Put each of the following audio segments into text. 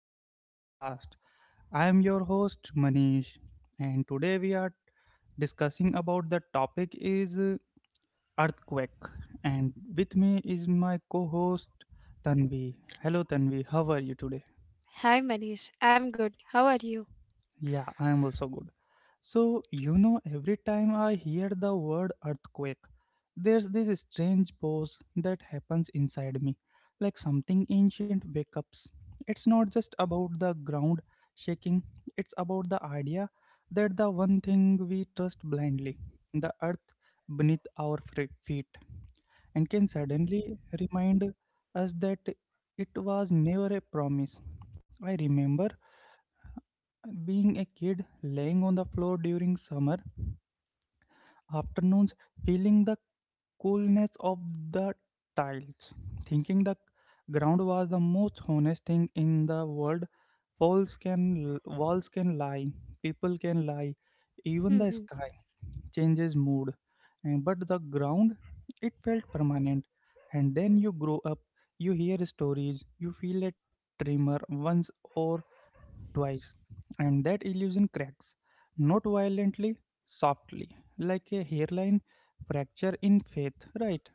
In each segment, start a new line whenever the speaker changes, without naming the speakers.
to the podcast. I am your host Manish and today we are discussing about the topic is earthquake, and with me is my co-host Tanvi. Hello Tanvi, how are you today?
Hi Manish, I'm good. How are you?
Yeah, I am also good. So, every time I hear the word earthquake, there's this strange pause that happens inside me, like something ancient wakes up. It's not just about the ground shaking, it's about the idea that the one thing we trust blindly, the earth beneath our feet, and can suddenly remind us that it was never a promise. I remember being a kid, laying on the floor during summer afternoons, feeling the coolness of the tiles, thinking the ground was the most honest thing in the world. Walls can lie, people can lie, even the sky changes mood. And but the ground, it felt permanent. And then you grow up, you hear stories, you feel a tremor once or twice, and that illusion cracks, not violently, softly, like a hairline fracture in faith, right?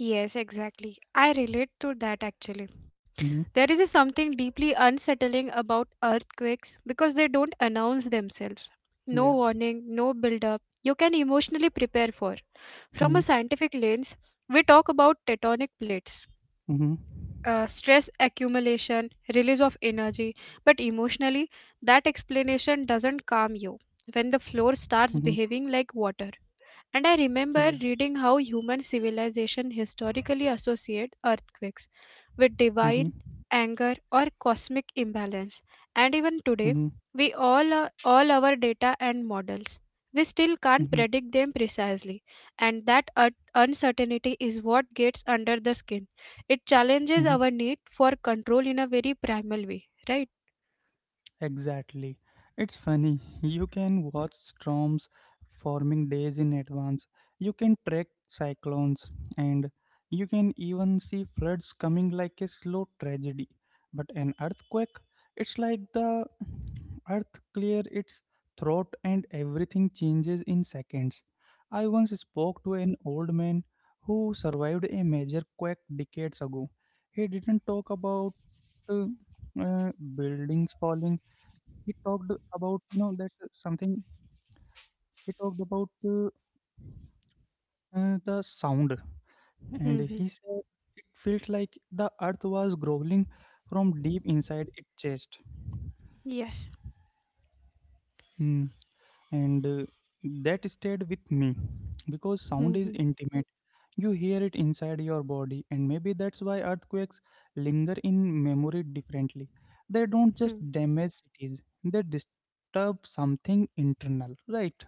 Yes, exactly. I relate to that actually.
Mm-hmm.
There is a something deeply unsettling about earthquakes because they don't announce themselves. No
Yeah.
warning, no build up. You can emotionally prepare for. From a
Mm-hmm.
scientific lens, we talk about tectonic plates.
Mm-hmm.
Stress accumulation, release of energy, but emotionally, that explanation doesn't calm you when the floor
Mm-hmm.
starts behaving like water. And I
Yeah.
remember reading how human civilization historically associate earthquakes with
Mm-hmm.
divine anger or cosmic imbalance. And even
Mm-hmm.
today, we all our data and models, we still can't
Mm-hmm.
predict them precisely. And that uncertainty is what gets under the skin. It challenges
Mm-hmm.
our need for control in a very primal way, right?
Exactly. It's funny. You can watch storms forming days in advance. You can track cyclones and you can even see floods coming like a slow tragedy. But an earthquake, it's like the earth clear its throat and everything changes in seconds. I once spoke to an old man who survived a major quake decades ago. He didn't talk about buildings falling, he talked about you know that something he talked about uh, the sound, and he
Mhm.
said it felt like the earth was growling from deep inside its chest.
Yes.
Hmm. And that stayed with me because sound is
Mhm.
intimate. You hear it inside your body, and maybe that's why earthquakes linger in memory differently. They don't just
Hmm.
damage cities, they disturb something internal, right?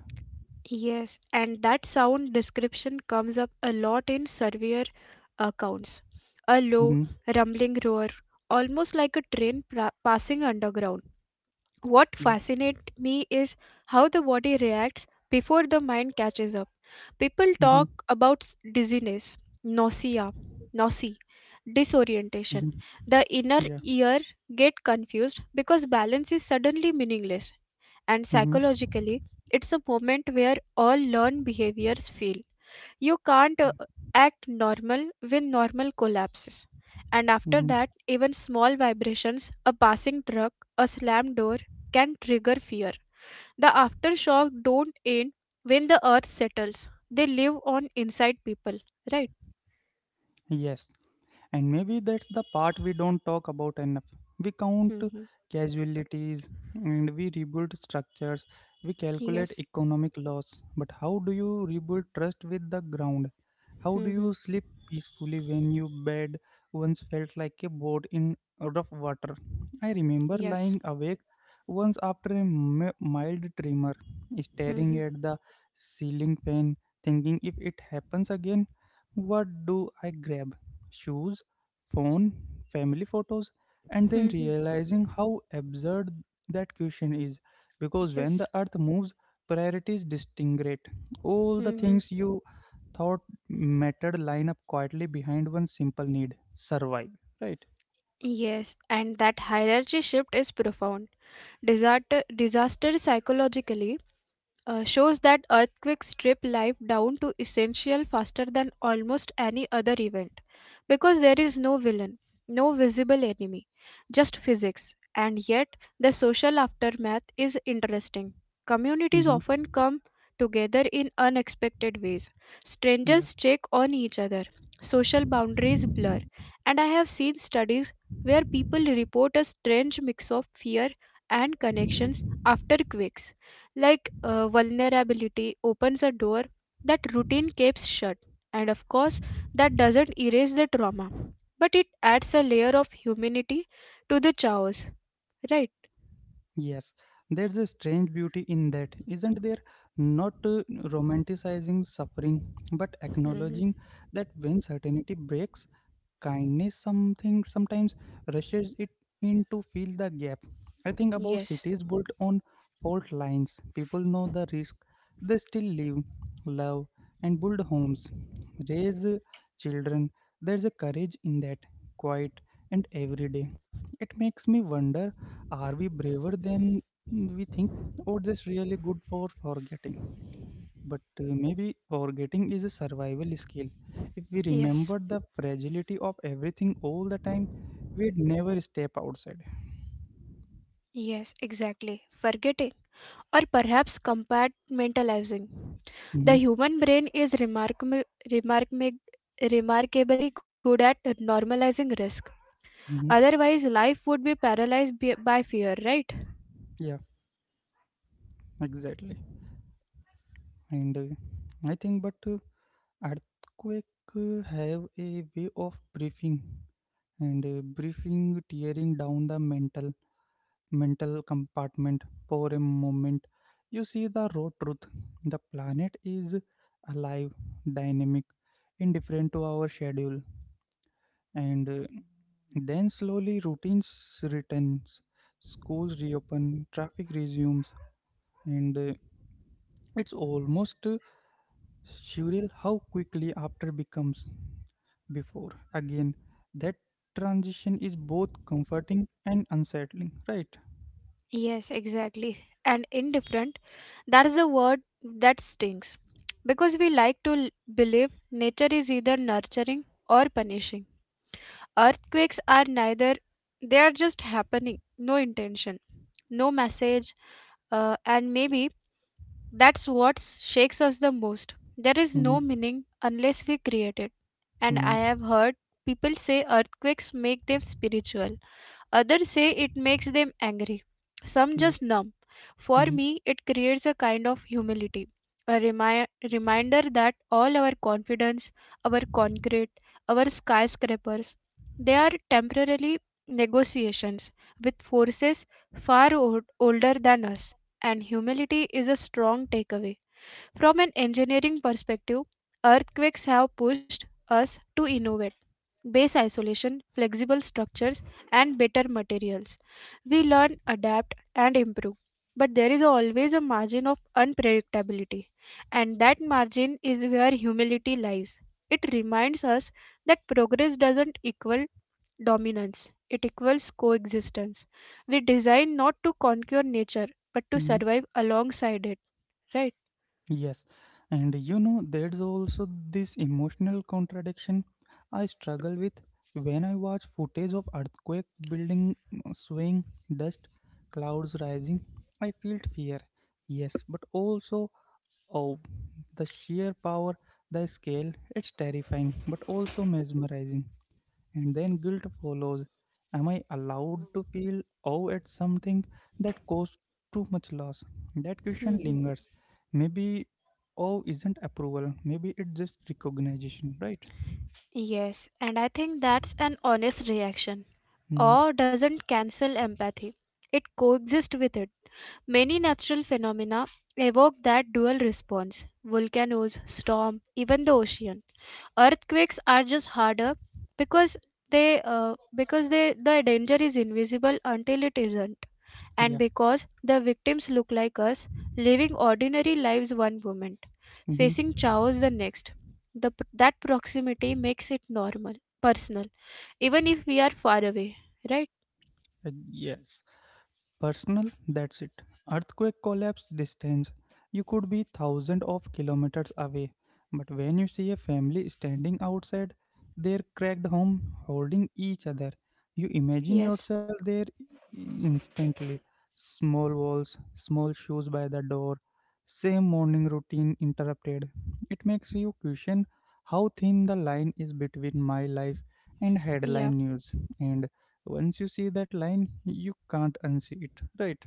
Yes, and that sound description comes up a lot in surveyor accounts. A low,
Mm-hmm.
rumbling roar, almost like a train passing underground.
Yeah.
What fascinates me is how the body reacts before the mind catches up. People
Mm-hmm.
talk about dizziness, nausea, disorientation.
Mm-hmm.
The inner
Yeah.
ear get confused because balance is suddenly meaningless, and
Mm-hmm.
psychologically, it's a moment where all learned behaviors fail. You can't act normal when normal collapses. And after
Mm-hmm.
that, even small vibrations, a passing truck, a slammed door, can trigger fear. The aftershock don't end when the earth settles. They live on inside people, right?
Yes. And maybe that's the part we don't talk about enough. We count
Hmm.
casualties and we rebuild structures, we calculate
Yes.
economic loss. But how do you rebuild trust with the ground? How do
Hmm.
you sleep peacefully when your bed once felt like a boat in rough water? I remember lying
Yes.
awake once after a mild tremor, staring
Hmm.
at the ceiling fan, thinking if it happens again, what do I grab? Shoes, phone, family photos, and then
Hmm.
realizing how absurd that question is. Because when the
Yes.
earth moves, priorities disintegrate. All the
Hmm.
things you thought mattered line up quietly behind one simple need: survive. Right?
Yes. And that hierarchy shift is profound. Disaster psychologically shows that earthquakes strip life down to essential faster than almost any other event, because there is no villain, no visible enemy, just physics. And yet the social aftermath is interesting. Communities
Hmm.
often come together in unexpected ways,
Yeah.
strangers check on each other, social boundaries blur, and I have seen studies where people report a strange mix of fear and connections after quakes, like vulnerability opens a door that routine keeps shut, and of course, that doesn't erase the trauma, but it adds a layer of humanity to the chaos, right?
Yes. There's a strange beauty in that, isn't there? Not romanticizing suffering, but
Hmm.
acknowledging that when certainty breaks, kindness something sometimes rushes it in to fill the gap. I think about
Yes,
cities built on fault lines. People know the risk, they still live, love, and build homes, raise children. There's a courage in that, quiet and everyday. It makes me wonder, are we braver than we think, or just really good for forgetting? But maybe forgetting is a survival skill. If we
yes,
remember the fragility of everything all the time, we'd never step outside.
yes, exactly. Forgetting, or perhaps compartmentalizing. The
Hmm.
human brain is remarkable, remarkably good at normalizing risk.
Hmm.
Otherwise, life would be paralyzed by fear, right?
Yeah, exactly. And I think, but earthquake have a way of briefing and briefing, tearing down the mental. Mental compartment for a moment, you see the raw truth. The planet is alive, dynamic, indifferent to our schedule. And then slowly routines returns, schools reopen, traffic resumes, and it's almost surreal how quickly after becomes before. Again, that transition is both comforting and unsettling, right?
Yes, exactly. And indifferent, that is the word that stings. Because we like to believe nature is either nurturing or punishing. Earthquakes are neither, they are just happening, no intention, no message, and maybe that's what shakes us the most. There is no
Mm-hmm.
meaning unless we create it. And I have heard people say earthquakes make them spiritual. Others say it makes them angry. Some just numb. For
Mhm.
me, it creates a kind of humility, a reminder that all our confidence, our concrete, our skyscrapers, they are temporarily negotiations with forces far older than us. And humility is a strong takeaway. From an engineering perspective, earthquakes have pushed us to innovate base isolation, flexible structures, and better materials. We learn, adapt, and improve. But there is always a margin of unpredictability, and that margin is where humility lies. It reminds us that progress doesn't equal dominance, it equals coexistence. We design not to conquer nature, but to
Mhm.
survive alongside it, right?
Yes, and you know, there's also this emotional contradiction I struggle with when I watch footage of earthquake building swaying, dust, clouds rising. I feel fear, yes, but also, oh, the sheer power, the scale. It's terrifying, but also mesmerizing. And then guilt follows. Am I allowed to feel awe at something that caused too much loss? That question lingers. Maybe awe isn't approval, maybe it's just recognition, right?
Yes, and I think that's an honest reaction.
Hmm.
Awe doesn't cancel empathy, it coexists with it. Many natural phenomena evoke that dual response volcanoes, storm, even the ocean. Earthquakes are just harder because they the danger is invisible until it isn't, and
Yeah.
because the victims look like us, living ordinary lives one moment,
Hmm.
facing chaos the next. That proximity makes it normal, personal, even if we are far away, right?
Yes. Personal, that's it. Earthquake collapse distance. You could be thousands of kilometers away, but when you see a family standing outside their cracked home holding each other, you imagine
Yes.
yourself there instantly. Small walls, small shoes by the door, same morning routine interrupted. It makes you question how thin the line is between my life and
Yeah,
headline news. And once you see that line, you can't unsee it, right?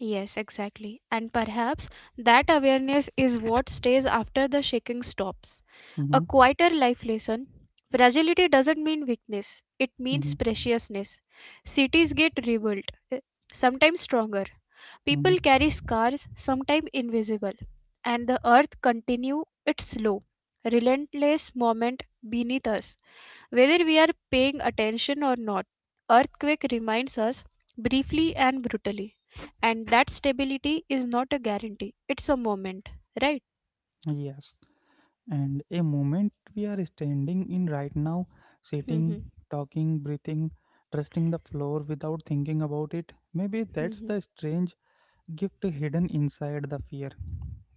yes, exactly. And perhaps that awareness is what stays after the shaking stops. A
Mm-hmm.
quieter life lesson. Fragility doesn't mean weakness, it
Mm-hmm.
means preciousness. Cities get rebuilt, eh, sometimes stronger. People
Mm-hmm.
carry scars, sometimes invisible, and the earth continue its slow, relentless movement beneath us, whether we are paying attention or not. Earthquake reminds us briefly and brutally, and that stability is not a guarantee. It's a moment, right?
Yes. And a moment we are standing in right now, sitting,
Mm-hmm.
talking, breathing, trusting the floor without thinking about it. Maybe that's
Mm-hmm.
the strange gift hidden inside the fear.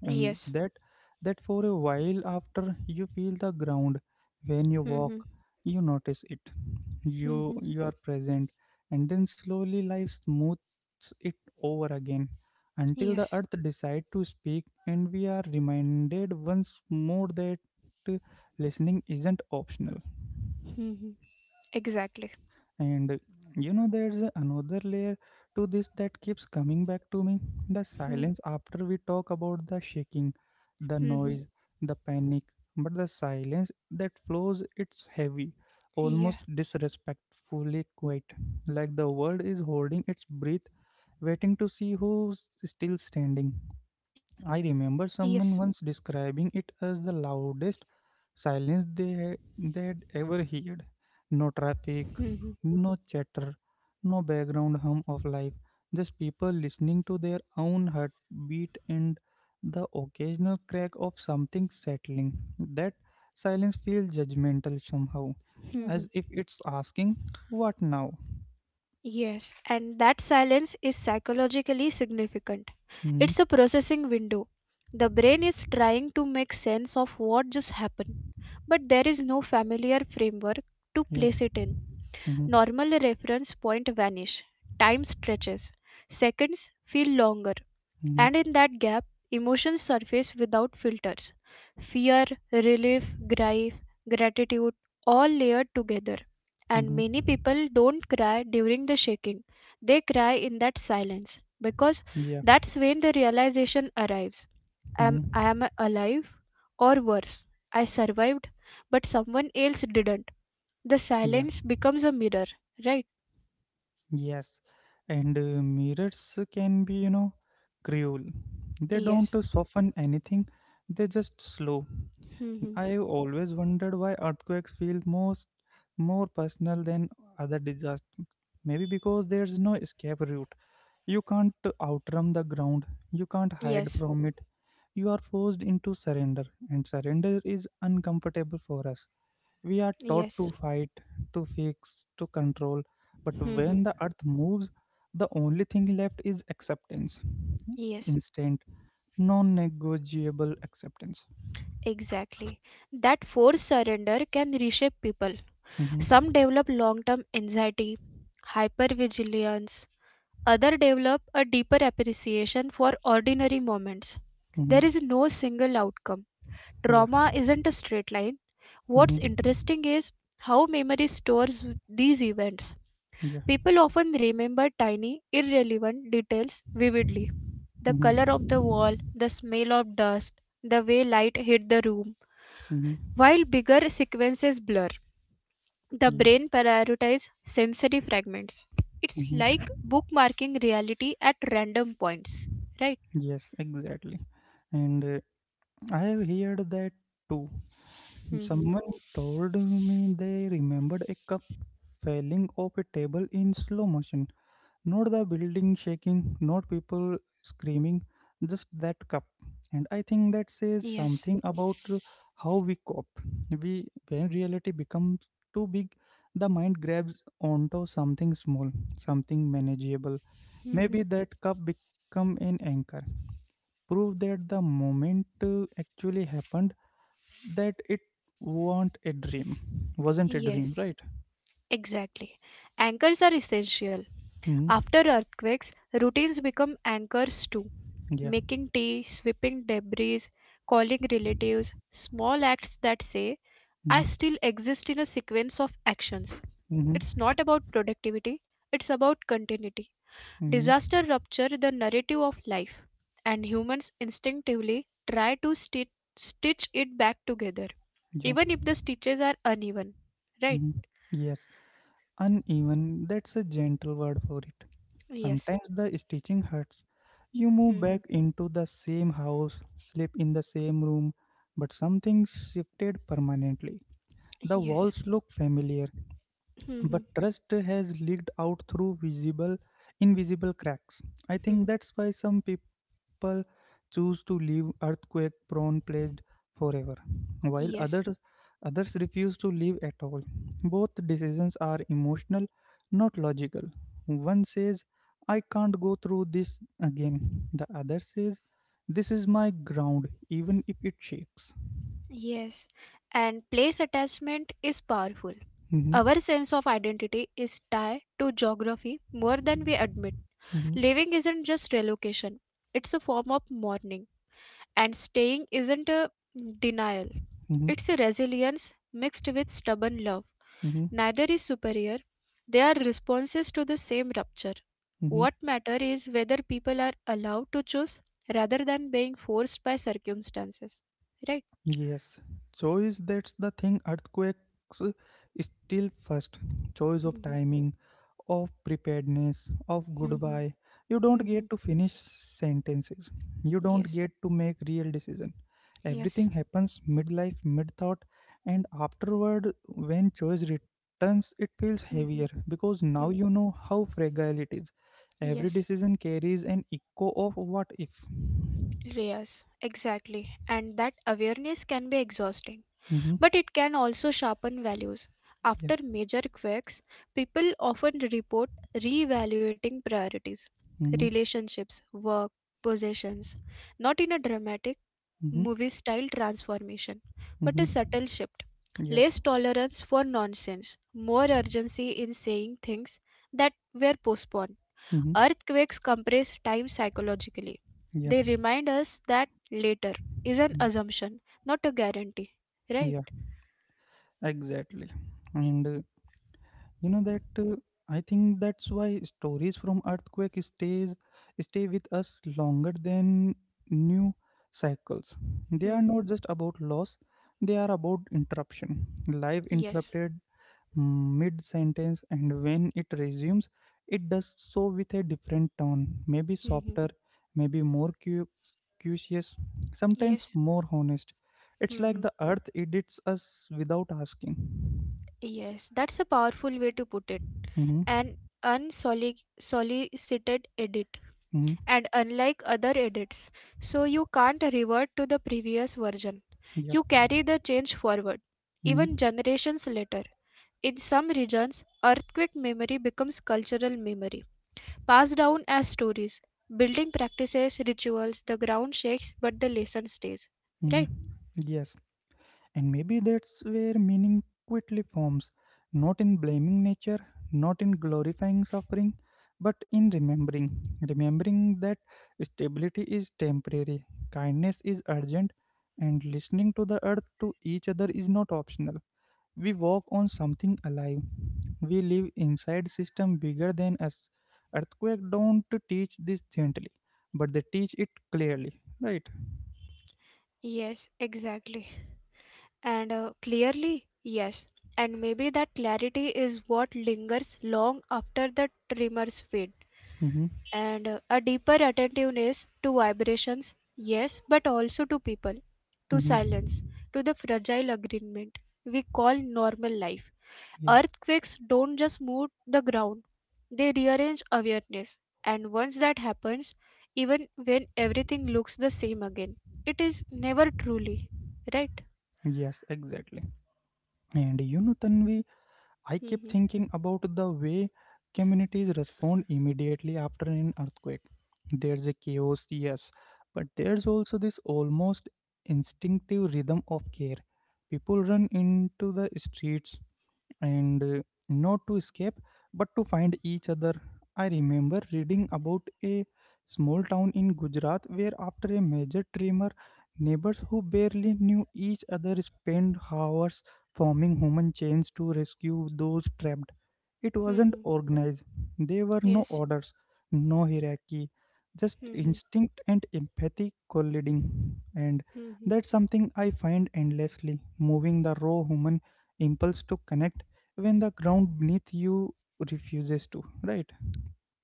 and
Yes.
that that for a while after, you feel the ground when you walk,
Mm-hmm.
you notice it, you
Mm-hmm.
you are present. And then slowly life smooths it over again until the
Yes.
earth decide to speak and we are reminded once more that uh, listening isn't optional.
Mm-hmm. Exactly.
And you know, there's another layer to this that keeps coming back to me, the silence. After we talk about the shaking, the
Mm-hmm.
noise, the panic, but the silence that flows, it's heavy,
Yeah.
almost disrespectfully quiet, like the world is holding its breath, waiting to see who's still standing. I
Yes.
remember someone once describing it as the loudest silence they'd ever heard. No
Mm-hmm.
traffic, no chatter, no background hum of life, just people listening to their own heartbeat and the occasional crack of something settling. That silence feels judgmental somehow,
Mm-hmm.
as if it's asking, what now?
Yes, and that silence is psychologically significant.
Hmm.
It's a processing window. The brain is trying to make sense of what just happened, but there is no familiar framework to
Yeah.
place it in.
Hmm.
Normal reference point vanish. Time stretches. Seconds feel longer.
Hmm.
And in that gap, emotions surface without filters fear, relief, grief, gratitude, all layered together. And
Hmm.
many people don't cry during the shaking, they cry in that silence, because
Yeah.
that's when the realization arrives
Hmm.
I am alive, or worse, I survived, but someone else didn't. The
Yeah.
silence becomes a mirror, right?
Yes, and mirrors can be, you know, cruel. They don't
Yes.
soften anything, they just slow.
Hmm.
I always wondered why earthquakes feel most more personal than other disasters. Maybe because there's no escape route. You can't outrun the ground, you can't hide
Yes.
from it. You are forced into surrender, and surrender is uncomfortable for us. We are taught to
Yes.
fight, to fix, to control, but
Hmm.
when the earth moves, the only thing left is acceptance,
Yes.
instant, non negotiable acceptance.
Exactly. That forced surrender can reshape people.
Mm-hmm.
Some develop long term anxiety, hypervigilance, others develop a deeper appreciation for ordinary moments.
Mm-hmm.
There is no single outcome.
Yeah.
Trauma isn't a straight line. What's
Mm-hmm.
interesting is how memory stores these events.
Yeah.
People often remember tiny, irrelevant details vividly the
Mm-hmm.
color of the wall,
Mm-hmm.
the smell of dust, the way light hit the room.
Mm-hmm.
While bigger sequences blur, the
Yeah.
brain prioritizes sensory fragments. It's like
Mm-hmm.
bookmarking reality at random points, right?
Yes, exactly. And I have heard that too.
Mhm.
Someone told me they remembered a cup falling off a table in slow motion. Not the building shaking, not people screaming, just that cup. And I think that says
Yes.
something about how we cope. We, when reality becomes too big, the mind grabs onto something small, something manageable.
Mhm.
Maybe that cup become an anchor, prove that the moment actually happened, that it wasn't a dream,
Yes.
right?
Exactly. Anchors are essential.
Hmm.
After earthquakes, routines become anchors too.
Yeah.
Making tea, sweeping debris, calling relatives, small acts that say, I
Hmm.
still exist in a sequence of actions.
Hmm.
It's not about productivity, it's about continuity.
Hmm.
Disaster rupture the narrative of life, and humans instinctively try to stitch it back together,
Yeah.
even if the stitches are uneven. Right?
Hmm. Yes. Uneven, that's a gentle word for it.
Yes.
Sometimes the stitching hurts. You move
Hmm.
back into the same house, sleep in the same room, but something shifted permanently. The
Yes.
walls look familiar,
Hmm.
but trust has leaked out through visible invisible cracks. I
Hmm.
think that's why some people choose to leave earthquake prone places forever, while
Yes.
others refuse to leave at all. Both decisions are emotional, not logical. One says, I can't go through this again. The other says, this is my ground even if it shakes.
Yes. And place attachment is powerful.
Mhm.
Our sense of identity is tied to geography more than we admit.
Mhm.
Living isn't just relocation, it's a form of mourning. And staying isn't a denial,
Mhm.
it's a resilience mixed with stubborn love.
Mhm.
Neither is superior, they are responses to the same rupture.
Mhm.
What matters is whether people are allowed to choose rather than being forced by circumstances. Right?
Yes, choice, that's the thing earthquakes still first. Choice of
Mhm,
timing, of preparedness, of
mhm,
goodbye. You don't
mhm.
get to finish sentences. You don't
yes,
get to make real decision.
yes,
Everything happens midlife, mid thought, and afterward when choice returns it feels heavier
mhm,
because now
mhm.
you know how fragile it is. Every
Yes.
decision carries an echo of what if.
Yes, exactly. And that awareness can be exhausting,
Mm-hmm.
but it can also sharpen values.
Yeah.
After major quakes, people often report reevaluating priorities,
Mm-hmm.
relationships, work, possessions, not in a dramatic
Mm-hmm.
movie style transformation, but a
Mm-hmm.
subtle shift.
Yeah.
Less tolerance for nonsense, more urgency in saying things that were postponed.
Hmm.
Earthquakes compress time psychologically.
Yeah.
They remind us that later is an
Mm.
assumption, not a guarantee, right?
Yeah. Exactly. And you know that I think that's why stories from earthquake stay with us longer than new cycles. They are not just about loss; they are about interruption. Life
Yes.
interrupted mid sentence, and when it resumes, it does so with a different tone, maybe
Hmm.
softer, maybe more curious, sometimes
Yes.
more honest. It's like
Hmm.
the earth edits us without asking.
Yes. That's a powerful way to put it.
Mm-hmm.
An unsolicited edit.
Mm-hmm.
And unlike other edits, so you can't revert to the previous version.
Yeah.
You carry the change forward,
Mm-hmm.
even generations later. In some regions, earthquake memory becomes cultural memory, passed down as stories, building practices, rituals, the ground shakes, but the lesson stays.
Mm-hmm.
Right?
Yes. And maybe that's where meaning quickly forms, not in blaming nature, not in glorifying suffering, but in remembering. Remembering that stability is temporary, kindness is urgent, and listening to the earth to each other is not optional. We walk on something alive. We live inside system bigger than us. Earthquake don't teach this gently, but they teach it clearly, right?
Yes, exactly. And clearly, yes. And maybe that clarity is what lingers long after the tremors fade.
Mm-hmm.
And a deeper attentiveness to vibrations, yes, but also to people, to
Mm-hmm.
silence, to the fragile agreement we call normal life.
Yeah.
Earthquakes don't just move the ground, they rearrange awareness. And once that happens, even when everything looks the same again, it is never truly, right?
Yes, exactly. And you know, Tanvi, I keep
Hmm.
thinking about the way communities respond immediately after an earthquake. There's a chaos, yes, but there's also this almost instinctive rhythm of care. People run into the streets, and not to escape but to find each other. I remember reading about a small town in Gujarat where, after a major tremor, neighbors who barely knew each other spent hours forming human chains to rescue those trapped. It wasn't
Hmm.
organized, there were no
Yes.
orders, no hierarchy, just
Hmm.
instinct and empathy colliding. And
Hmm.
that's something I find endlessly moving, the raw human impulse to connect when the ground beneath you refuses to right.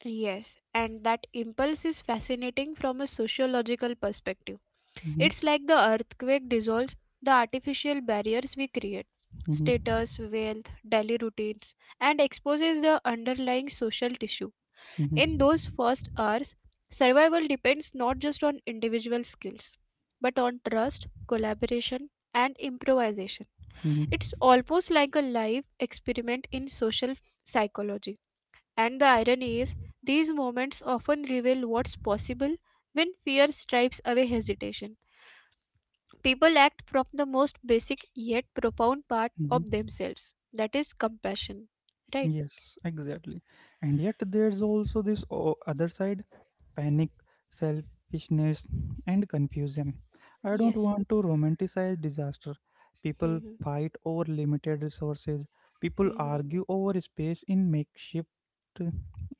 Yes, and that impulse is fascinating from a sociological perspective.
mm-hmm,
It's like the earthquake dissolves the artificial barriers we create
mm-hmm,
status, wealth, daily routines and exposes the underlying social tissue.
mm-hmm,
In those first hours, survival depends not just on individual skills but on trust, collaboration, and improvisation.
mm-hmm,
It's almost like a live experiment in social psychology. And the irony is, these moments often reveal what's possible when fear stripes away hesitation. People act from the most basic yet profound part
mm-hmm.
of themselves that is, compassion. Right?
Yes, exactly. And yet, there's also this other side, panic, selfishness, and confusion. I don't
Yes.
want to romanticize disaster. People
Mhm.
fight over limited resources, people
Mhm.
argue over space in makeshift.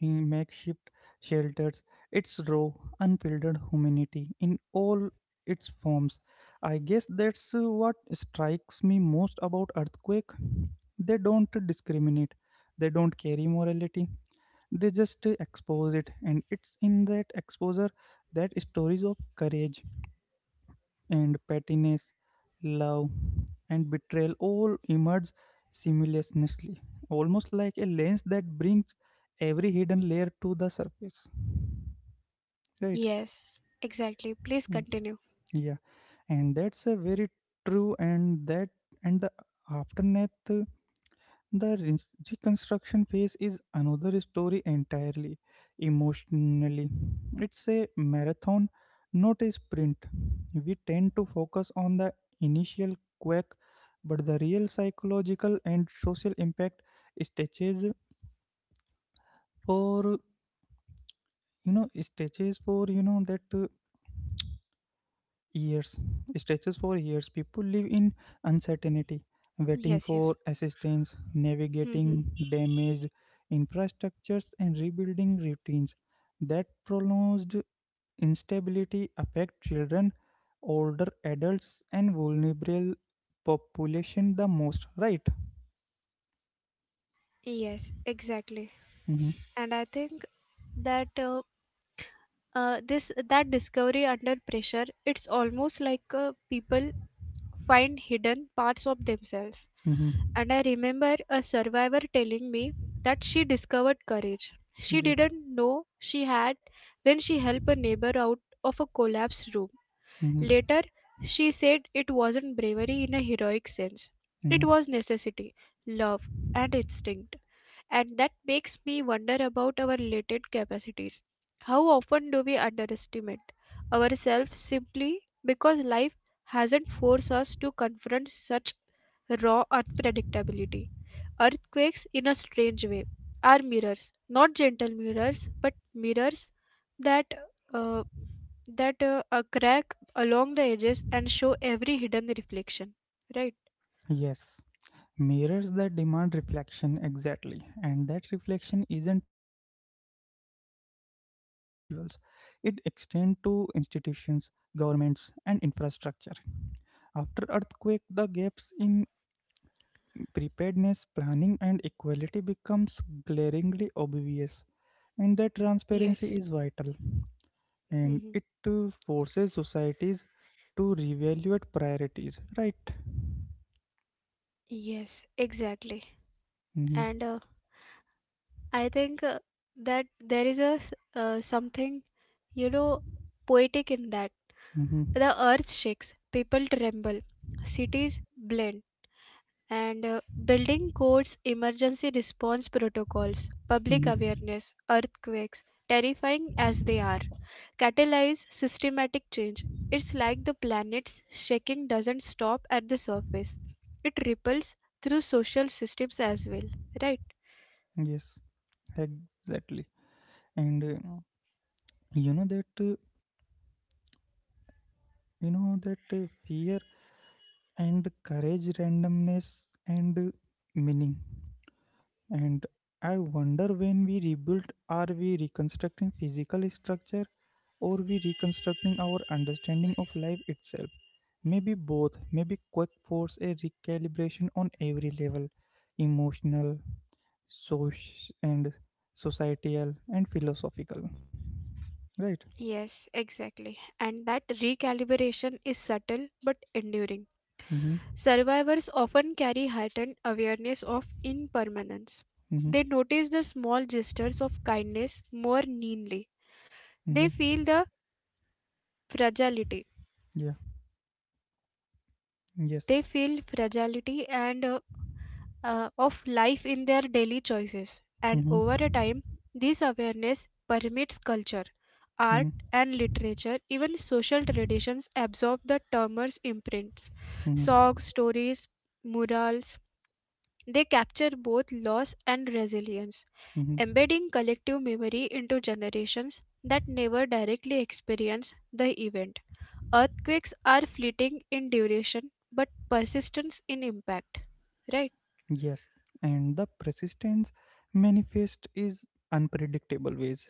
In makeshift shelters, it's raw, unfiltered humanity in all its forms. I guess that's what strikes me most about earthquake. They don't discriminate, they don't carry morality, they just expose it, and it's in that exposure that stories of courage and pettiness, love and betrayal all emerge seamlessly, almost like a lens that brings every hidden layer to the surface, right?
Yes. Exactly. Please
Mm.
continue.
Yeah, and that's a very true. And the aftermath. The reconstruction phase is another story entirely. Emotionally, it's a marathon, not a sprint. We tend to focus on the initial quake, but the real psychological and social impact stages for you know stages for you know that years, stretches for years. People live in uncertainty, waiting
Yes,
for
yes.
assistance, navigating
Mhm.
damaged infrastructures and rebuilding routines. That prolonged instability affect children, older adults, and vulnerable population the most, right?
Yes, exactly.
mm-hmm.
And I think that this that discovery under pressure, it's almost like people find hidden parts of themselves.
Mm-hmm.
And I remember a survivor telling me that she discovered courage. She
Yeah.
didn't know she had when she helped a neighbor out of a collapsed room.
Mm-hmm.
Later, she said it wasn't bravery in a heroic sense, it
Mm-hmm.
was necessity, love, and instinct. And that makes me wonder about our latent capacities. How often do we underestimate ourselves simply because life hasn't forced us to confront such raw unpredictability? Earthquakes, in a strange way, are mirrors, not gentle mirrors, but mirrors that uh, that crack along the edges and show every hidden reflection. Right?
Yes. Mirrors that demand reflection, exactly, and that reflection isn't limited to individuals. It extends to institutions, governments, and infrastructure. After earthquake, the gaps in preparedness, planning, and equality becomes glaringly obvious, and that transparency
Yes.
is vital. And
Hmm.
it forces societies to reevaluate priorities. Right.
Yes, exactly.
Mm-hmm.
And I think that there is a something, you know, poetic in that.
Mm-hmm.
The earth shakes, people tremble, cities blend. And building codes, emergency response protocols, public
Mm-hmm.
awareness, earthquakes, terrifying as they are, catalyze systematic change. It's like the planet's shaking doesn't stop at the surface, it ripples through social systems as well, right?
Yes, exactly. And yeah, you know that uh, you know that fear and courage, randomness and meaning. And I wonder, when we rebuild, are we reconstructing physical structure, or we reconstructing our understanding of life itself? Maybe both. Maybe quick force a recalibration on every level, emotional, and societal and philosophical, right?
Yes, exactly. And that recalibration is subtle but enduring.
mm-hmm.
Survivors often carry heightened awareness of impermanence.
Mm-hmm.
They notice the small gestures of kindness more keenly. They
Mm-hmm.
feel the fragility.
Yeah. Yes.
They feel fragility and of life in their daily choices. And
Mm-hmm.
over a time, this awareness permeates culture,
Mm-hmm.
art, and literature. Even social traditions absorb the termer's imprints. Songs,
Mm-hmm.
stories, murals. They capture both loss and resilience
Mm-hmm.
embedding collective memory into generations that never directly experience the event. Earthquakes are fleeting in duration but persistence in impact. Right?
Yes. And the persistence manifest is unpredictable ways.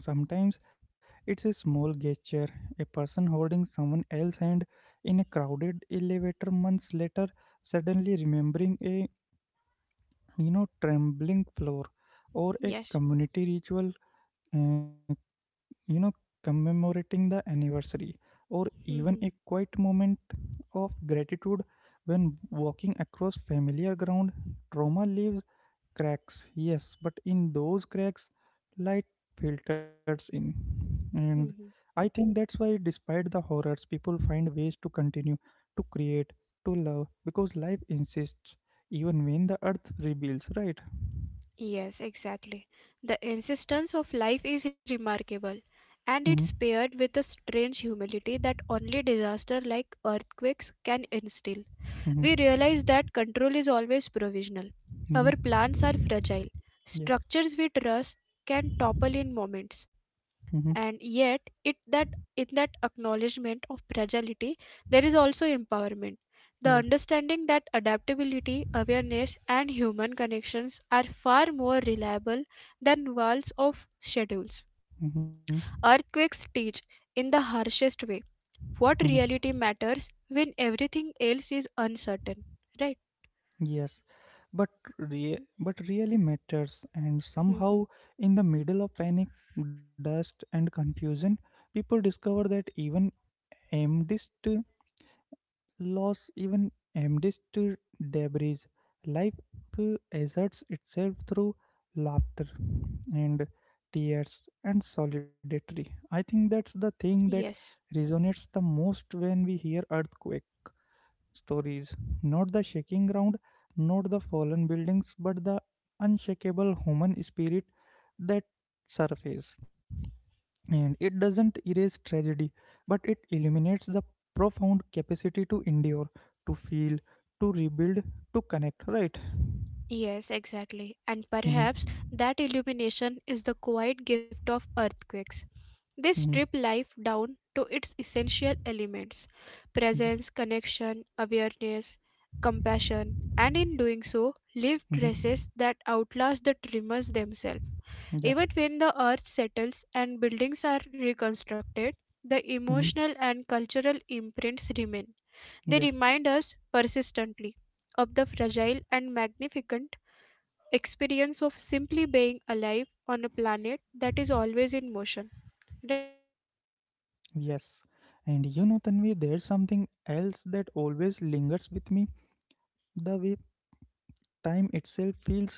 Sometimes it's a small gesture, a person holding someone else's hand in a crowded elevator, months later suddenly remembering a trembling floor, or a
Yes.
community ritual uh, you know commemorating the anniversary, or even a
Mhm,
quiet moment of gratitude when walking across familiar ground. Trauma leaves cracks, yes, but in those cracks light filters in. And
mhm.
I think that's why, despite the horrors, people find ways to continue, to create, to love, because life insists even when the earth reveals, right?
Yes, exactly. The insistence of life is remarkable, and
mm-hmm.
it's paired with a strange humility that only disaster like earthquakes can instill.
Mm-hmm.
We realize that control is always provisional. Our plans are
Mm-hmm.
fragile.
yeah
Structures we trust can topple in moments.
mm-hmm.
And yet, it that in that acknowledgement of fragility, there is also empowerment. The
Yeah.
understanding that adaptability, awareness, and human connections are far more reliable than walls of schedules.
hmm
Earthquakes teach in the harshest way what
hmm
reality matters when everything else is uncertain, right?
Yes, but but really matters, and somehow in the middle of panic, dust, and confusion, people discover that even amidst loss, even amidst debris, life asserts itself through laughter and tears and solidarity. I think that's the thing that
Yes,
resonates the most when we hear earthquake stories, not the shaking ground, not the fallen buildings, but the unshakable human spirit that surface. And it doesn't erase tragedy, but it illuminates the profound capacity to endure, to feel, to rebuild, to connect, right?
yes, exactly. And
hmm
perhaps that illumination is the quiet gift of earthquakes. They
hmm
strip life down to its essential elements
Yeah.
presence, connection, awareness, compassion, and in doing so, leave
hmm
traces that outlast the tremors themselves.
Yeah.
Even when the earth settles and buildings are reconstructed, the
hmm
emotional and cultural imprints remain. They
Yeah.
remind us persistently of the fragile and magnificent experience of simply being alive on a planet that is always in motion. Right?
Yes. And you know, Tanvi, there's something else that always lingers with me.
Right?
The way time itself feels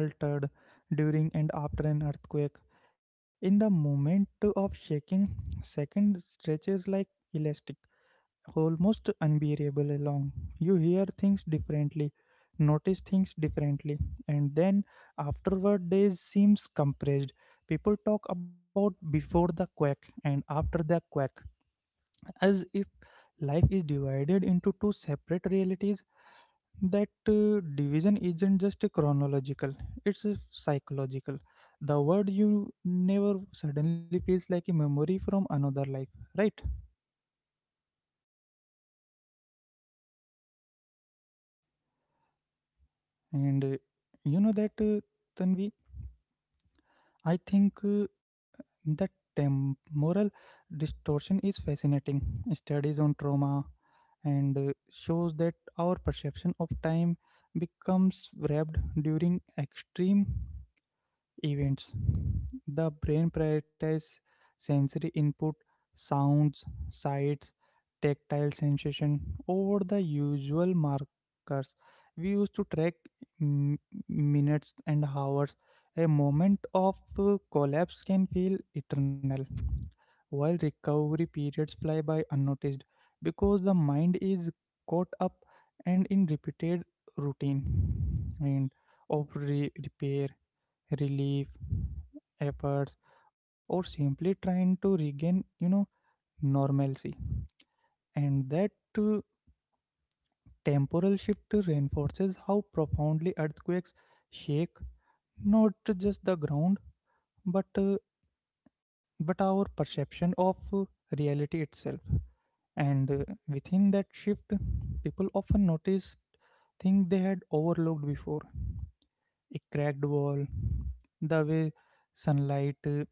altered
Yes, and I
during and
think that
after an
there is a
earthquake.
something else
In the
that always
moment of
lingers with me.
shaking,
The way
second
time
stretches
itself
like
feels
elastic,
altered during and
almost
after an
unbearable
earthquake.
along. You hear
In
things
the moment of
differently,
shaking,
notice things
seconds stretch
differently,
like
and
elastic,
then
almost
afterward days seems compressed. People talk about
unbearably long.
before the quake
You
and
hear
after
things
the quake
differently, notice
as
things
if
differently,
life
and
is
then
divided into two
afterward,
separate
days seem
realities.
compressed.
That
People talk about
division isn't just
before
a
the earthquake
chronological,
and
it's a
after the earthquake,
psychological. The
as
word
if
you
life is
never
divided
suddenly
into
feels
two
like a memory
separate
from another
realities,
life,
and
right? And you know that Tanvi, I think that temporal distortion is fascinating. Studies on trauma and shows that our perception of time becomes wrapped during extreme events. The brain prioritizes sensory input, sounds, sights, tactile sensation, over the usual markers we used to track, m- minutes and hours. A moment of collapse can feel eternal, while recovery periods fly by unnoticed because the mind is caught up and in repeated routine and of repair, relief efforts, or simply trying to regain normalcy. And that uh, temporal shift reinforces how profoundly earthquakes shake, not just the ground, but uh, but our perception of reality itself. And within that shift, people often notice things they had overlooked before: a cracked wall, the way sunlight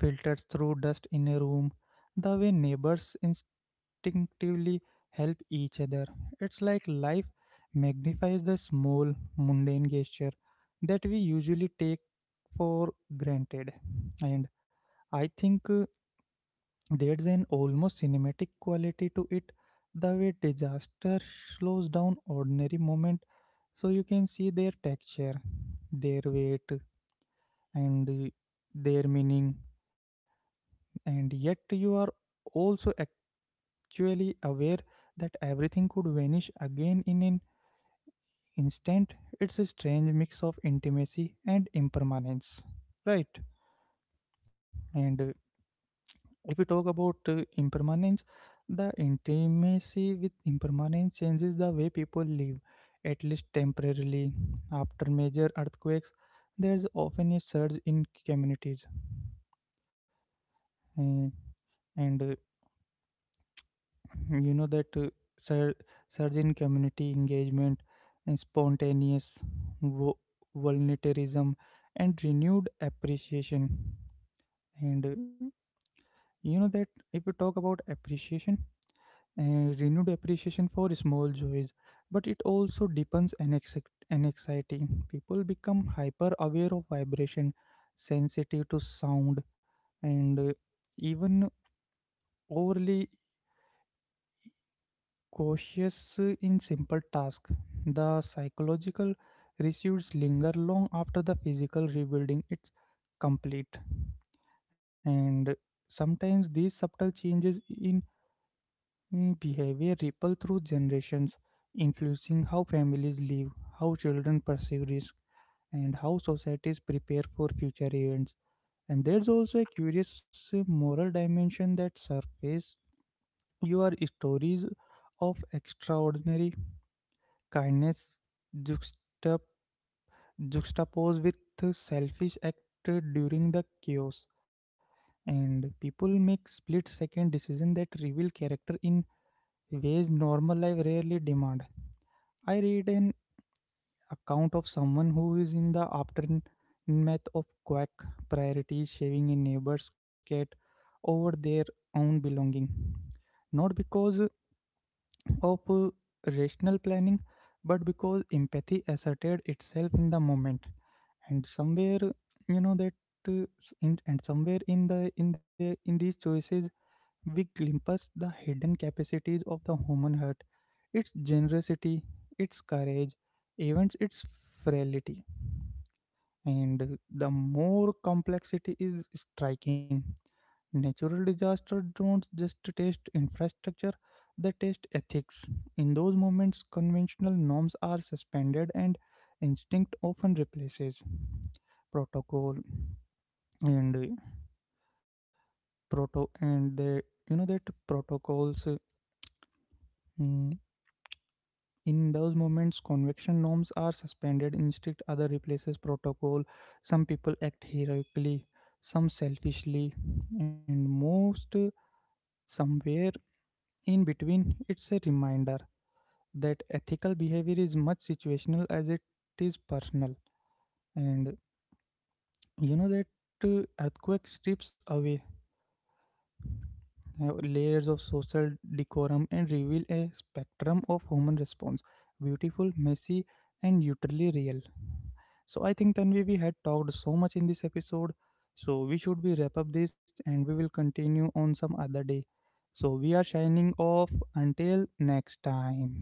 filters through dust in a room, the way neighbors instinctively help each other. It's like life magnifies the small, mundane gesture that we usually take for granted. And I think there's an almost cinematic quality to it, the way disaster slows down ordinary moment so you can see their texture, their weight, and their meaning, and yet you are also actually aware that everything could vanish again in an instant. It's a strange mix of intimacy and impermanence, right? And if we talk about impermanence, the intimacy with impermanence changes the way people live, at least temporarily. After major earthquakes, there's often a surge in communities. Uh, and you know that sur- Surge in community engagement and spontaneous vo- volunteerism and renewed appreciation, and you know that if we talk about appreciation renewed appreciation for small joys, but it also deepens and, and exciting. People become hyper aware of vibration, sensitive to sound, and even overly cautious in simple tasks. The psychological residues linger long after the physical rebuilding is complete. And sometimes these subtle changes in behavior ripple through generations, influencing how families live, how children perceive risk, and how societies prepare for future events. And there's also a curious moral dimension that surface your stories of extraordinary kindness juxtap- juxtaposed with selfish act during the chaos, and people make split second decisions that reveal character in ways normal life rarely demand. I read an account of someone who is in the aftermath of quack priorities shaving a neighbor's cat over their own belonging, not because of rational planning, but because empathy asserted itself in the moment. And somewhere, you know that uh, s- in, and somewhere in these choices we glimpse the hidden capacities of the human heart, its generosity, its courage, even its frailty. And the more complexity is striking. Natural disasters don't just test infrastructure, they test ethics. In those moments, conventional norms are suspended and instinct often replaces protocol. And proto and the you know that protocols mm, in those moments, convection norms are suspended, instinct other replaces protocol. Some people act heroically, some selfishly, and most somewhere in between. It's a reminder that ethical behavior is much situational as it is personal. And you know that earthquake strips away have layers of social decorum and reveal a spectrum of human response, beautiful, messy, and utterly real. So I think, Tanvi, we had talked so much in this episode, so we should be wrap up this and we will continue on some other day. So we are shining off until next time.